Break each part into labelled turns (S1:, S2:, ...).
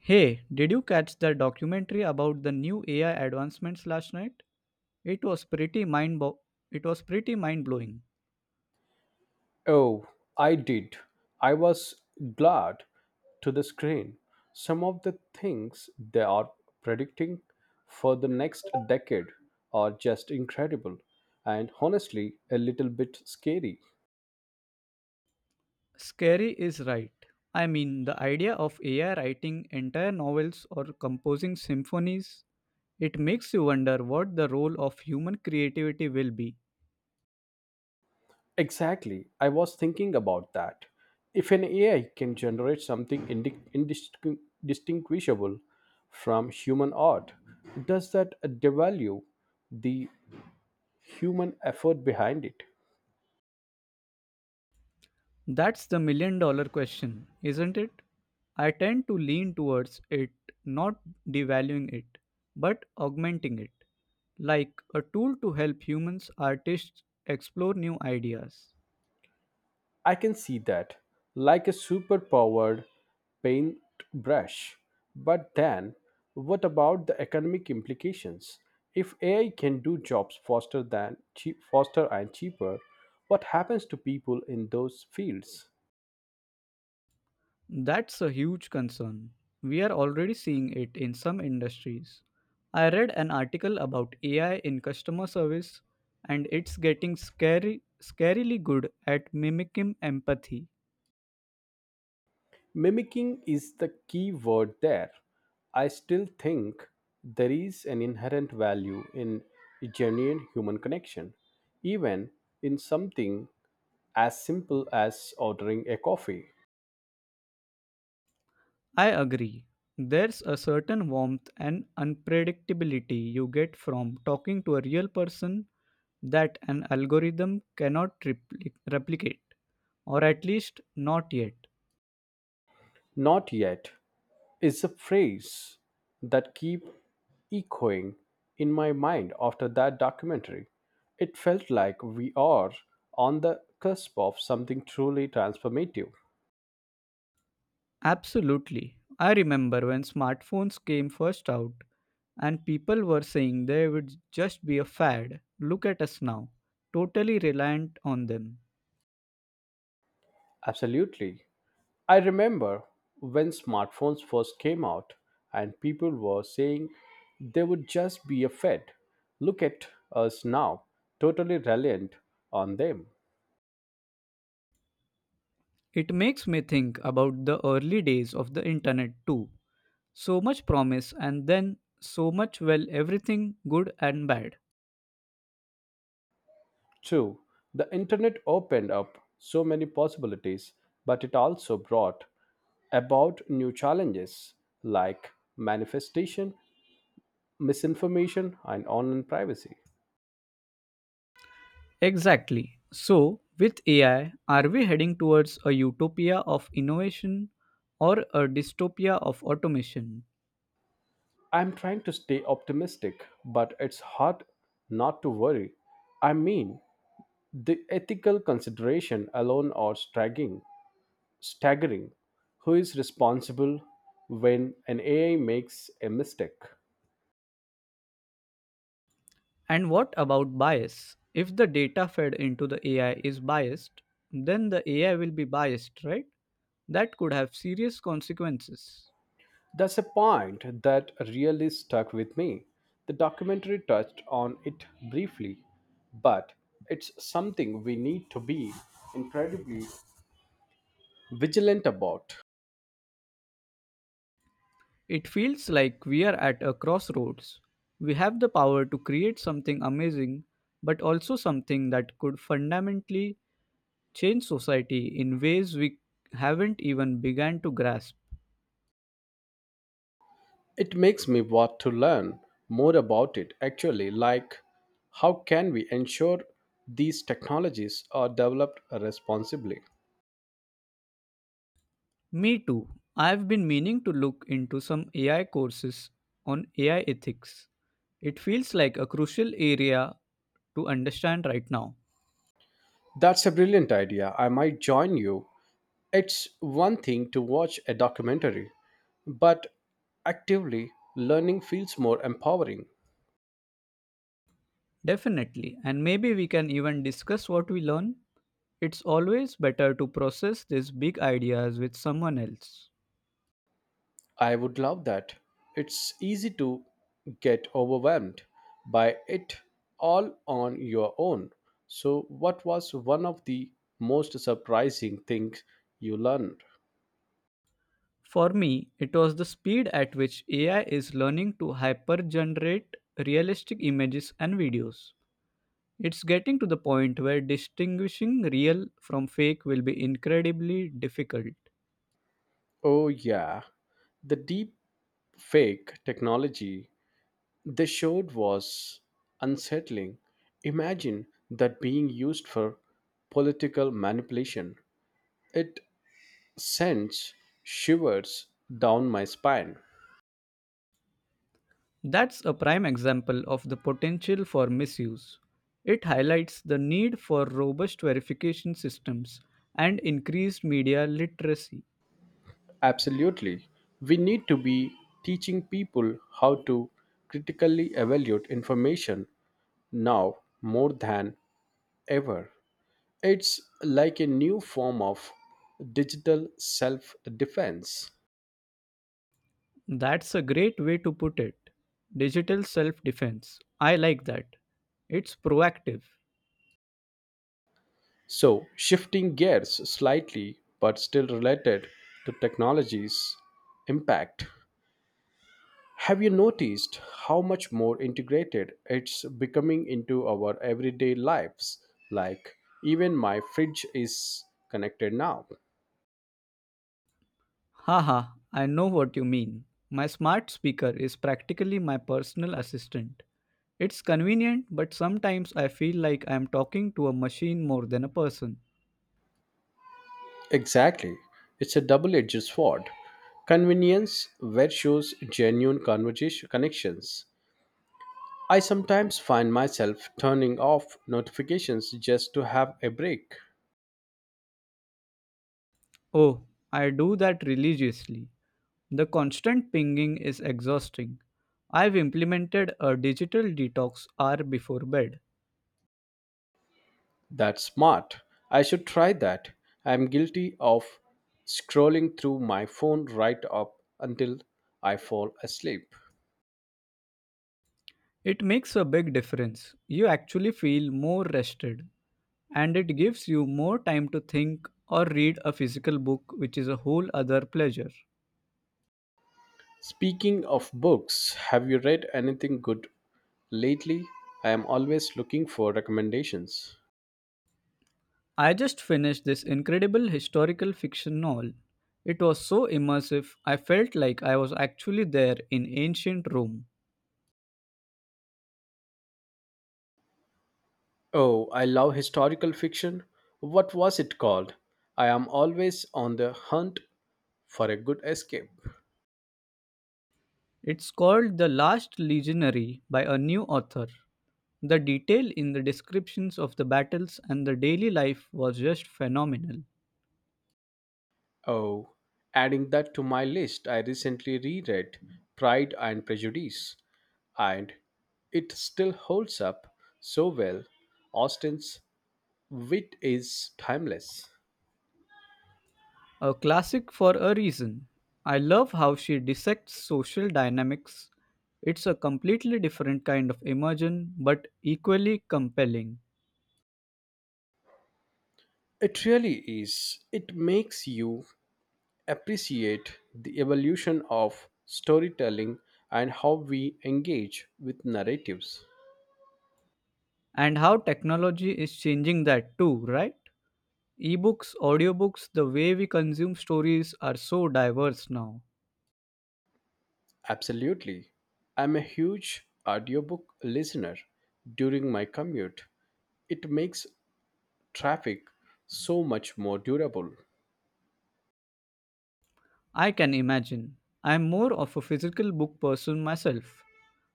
S1: Hey, did you catch the documentary about the new AI advancements last night? It was it was pretty mind-blowing.
S2: Oh, I did. I was glad to the screen. Some of the things they are predicting for the next decade are just incredible and honestly a little bit scary.
S1: Scary is right. I mean, the idea of AI writing entire novels or composing symphonies, it makes you wonder what the role of human creativity will be.
S2: Exactly. I was thinking about that. If an AI can generate something distinguishable from human art, does that devalue the human effort behind it?
S1: That's the million dollar question, isn't it? I tend to lean towards it not devaluing it, but augmenting it, like a tool to help humans, artists explore new ideas.
S2: I can see that, like a superpowered paintbrush. But then, what about the economic implications? If AI can do jobs faster than cheap, faster and cheaper, what happens to people in those fields?
S1: That's a huge concern. We are already seeing it in some industries. I read an article about AI in customer service, and it's getting scary scarily good at mimicking empathy.
S2: Mimicking is the key word there. I still think there is an inherent value in genuine human connection, even in something as simple as ordering a coffee.
S1: I agree. There's a certain warmth and unpredictability you get from talking to a real person that an algorithm cannot replicate, or at least not yet.
S2: Not yet is a phrase that keep echoing in my mind after that documentary. It felt like we are on the cusp of something truly transformative.
S1: Absolutely. I remember when smartphones came first out and people were saying they would just be a fad. Look at us now, totally reliant on them.
S2: Absolutely. I remember when smartphones first came out and people were saying they would just be a fad. Look at us now, totally reliant on them.
S1: It makes me think about the early days of the internet too. So much promise and then so much, well, everything good and bad.
S2: True, the internet opened up so many possibilities, but it also brought about new challenges like manifestation, misinformation, and online privacy.
S1: Exactly. So, with AI, are we heading towards a utopia of innovation or a dystopia of automation?
S2: I'm trying to stay optimistic, but it's hard not to worry. I mean, the ethical consideration alone are staggering. Staggering. Who is responsible when an AI makes a mistake?
S1: And what about bias? If the data fed into the AI is biased, then the AI will be biased, right? That could have serious consequences.
S2: That's a point that really stuck with me. The documentary touched on it briefly, but it's something we need to be incredibly vigilant about.
S1: It feels like we are at a crossroads. We have the power to create something amazing, but also something that could fundamentally change society in ways we haven't even begun to grasp.
S2: It makes me want to learn more about it actually, like how can we ensure these technologies are developed responsibly?
S1: Me too. I've been meaning to look into some AI courses on AI ethics. It feels like a crucial area to understand right now.
S2: That's a brilliant idea. I might join you. It's one thing to watch a documentary, but actively learning feels more empowering.
S1: Definitely, and maybe we can even discuss what we learn. It's always better to process these big ideas with someone else.
S2: I would love that. It's easy to get overwhelmed by it all on your own. So, what was one of the most surprising things you learned?
S1: For me, it was the speed at which AI is learning to hypergenerate realistic images and videos. It's getting to the point where distinguishing real from fake will be incredibly difficult.
S2: Oh, yeah, the deep fake technology they showed was unsettling. Imagine that being used for political manipulation. It sends shivers down my spine.
S1: That's a prime example of the potential for misuse. It highlights the need for robust verification systems and increased media literacy.
S2: Absolutely. We need to be teaching people how to critically evaluate information now more than ever. It's like a new form of digital self defense.
S1: That's a great way to put it. Digital self defense. I like that. It's proactive.
S2: So, shifting gears slightly but still related to technology's impact, have you noticed how much more integrated it's becoming into our everyday lives? Like, even my fridge is connected now.
S1: Haha, I know what you mean. My smart speaker is practically my personal assistant. It's convenient, but sometimes I feel like I'm talking to a machine more than a person.
S2: Exactly. It's a double edged sword. Convenience where shows genuine conversation connections. I sometimes find myself turning off notifications just to have a break.
S1: Oh, I do that religiously. The constant pinging is exhausting. I've implemented a digital detox hour before bed.
S2: That's smart. I should try that. I'm guilty of scrolling through my phone right up until I fall asleep.
S1: It makes a big difference. You actually feel more rested, and it gives you more time to think or read a physical book, which is a whole other pleasure.
S2: Speaking of books, have you read anything good lately? I am always looking for recommendations.
S1: I just finished this incredible historical fiction novel. It was so immersive, I felt like I was actually there in ancient Rome.
S2: Oh, I love historical fiction. What was it called? I am always on the hunt for a good escape.
S1: It's called The Last Legionary, by a new author. The detail in the descriptions of the battles and the daily life was just phenomenal.
S2: Oh, adding that to my list, I recently reread Pride and Prejudice, and it still holds up so well. Austen's wit is timeless.
S1: A classic for a reason. I love how she dissects social dynamics. It's a completely different kind of immersion, but equally compelling.
S2: It really is. It makes you appreciate the evolution of storytelling and how we engage with narratives.
S1: And how technology is changing that too, right? Ebooks, audiobooks, the way we consume stories are so diverse now.
S2: Absolutely. I'm a huge audiobook listener during my commute. It makes traffic so much more durable.
S1: I can imagine. I'm more of a physical book person myself.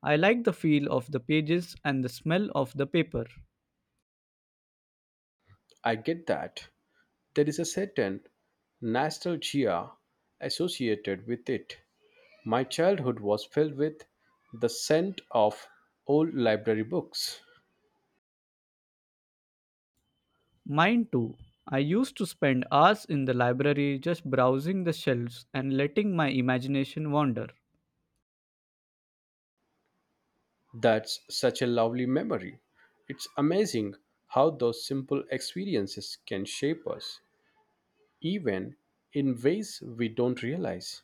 S1: I like the feel of the pages and the smell of the paper.
S2: I get that. There is a certain nostalgia associated with it. My childhood was filled with the scent of old library books.
S1: Mine too. I used to spend hours in the library just browsing the shelves and letting my imagination wander.
S2: That's such a lovely memory. It's amazing how those simple experiences can shape us, even in ways we don't realize.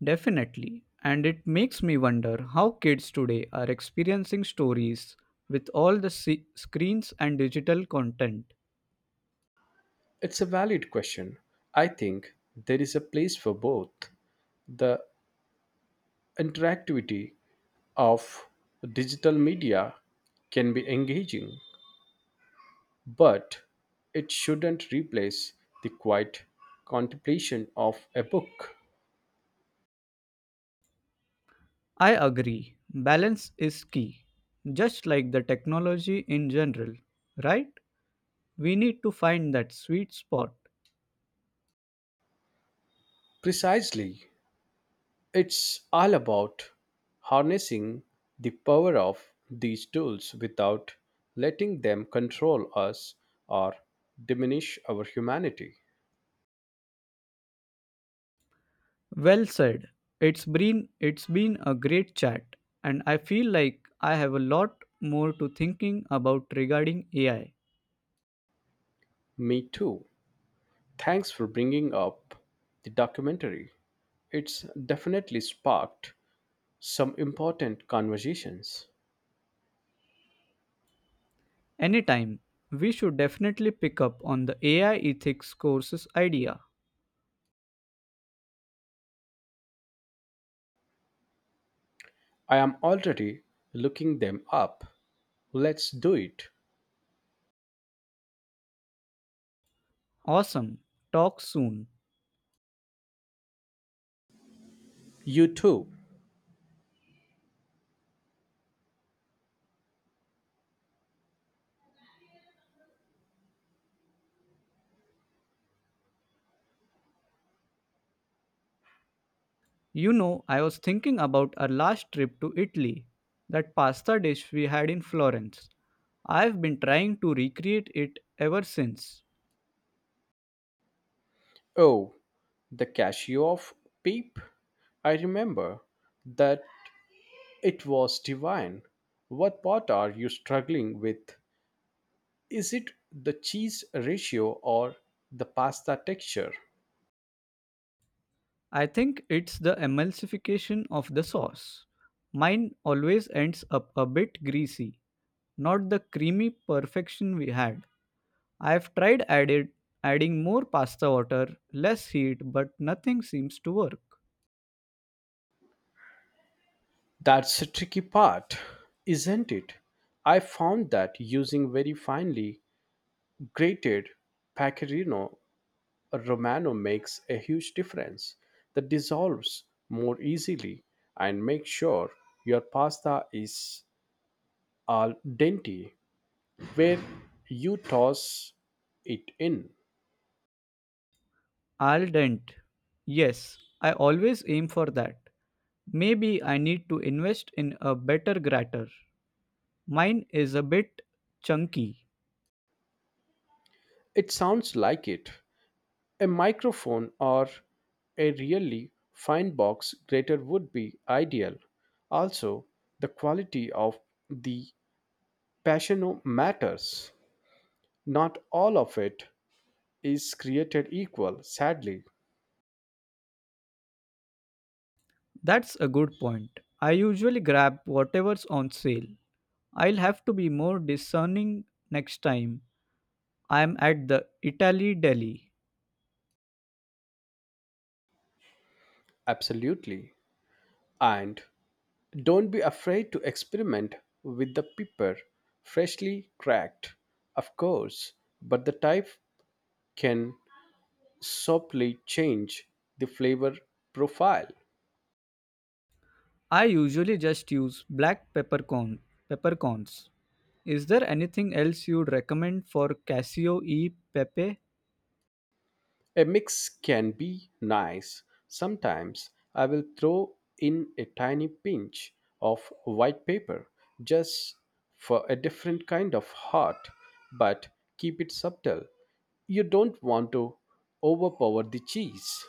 S1: Definitely. And it makes me wonder how kids today are experiencing stories with all the screens and digital content.
S2: It's a valid question. I think there is a place for both. The interactivity of digital media can be engaging, but it shouldn't replace the quiet contemplation of a book.
S1: I agree. Balance is key. Just like the technology in general, right? We need to find that sweet spot.
S2: Precisely. It's all about harnessing the power of these tools without letting them control us or diminish our humanity.
S1: Well said. It's been a great chat, and I feel like I have a lot more to thinking about regarding AI.
S2: Me too. Thanks for bringing up the documentary. It's definitely sparked some important conversations.
S1: Anytime. We should definitely pick up on the AI ethics courses idea.
S2: I am already looking them up. Let's do it.
S1: Awesome. Talk soon.
S2: You too.
S1: You know, I was thinking about our last trip to Italy, that pasta dish we had in Florence. I've been trying to recreate it ever since.
S2: Oh, the cashew of peep. I remember that it was divine. What part are you struggling with? Is it the cheese ratio or the pasta texture?
S1: I think it's the emulsification of the sauce. Mine always ends up a bit greasy, not the creamy perfection we had. I've tried added adding more pasta water, less heat, but nothing seems to work.
S2: That's a tricky part, isn't it? I found that using very finely grated pecorino Romano makes a huge difference that dissolves more easily and make sure your pasta is al dente where you toss it in.
S1: Al dente. Yes, I always aim for that. Maybe I need to invest in a better grater. Mine is a bit chunky.
S2: It sounds like it. A microphone or a really fine box grater would be ideal. Also, the quality of the passiono matters. Not all of it is created equal, sadly.
S1: That's a good point. I usually grab whatever's on sale. I'll have to be more discerning next time I'm at the Italy deli.
S2: Absolutely. And don't be afraid to experiment with the pepper, freshly cracked, of course, but the type can subtly change the flavor profile.
S1: I usually just use black peppercorn peppercorns. Is there anything else you'd recommend for Casio e Pepe?
S2: A mix can be nice. Sometimes I will throw in a tiny pinch of white pepper just for a different kind of heart, but keep it subtle. You don't want to overpower the cheese.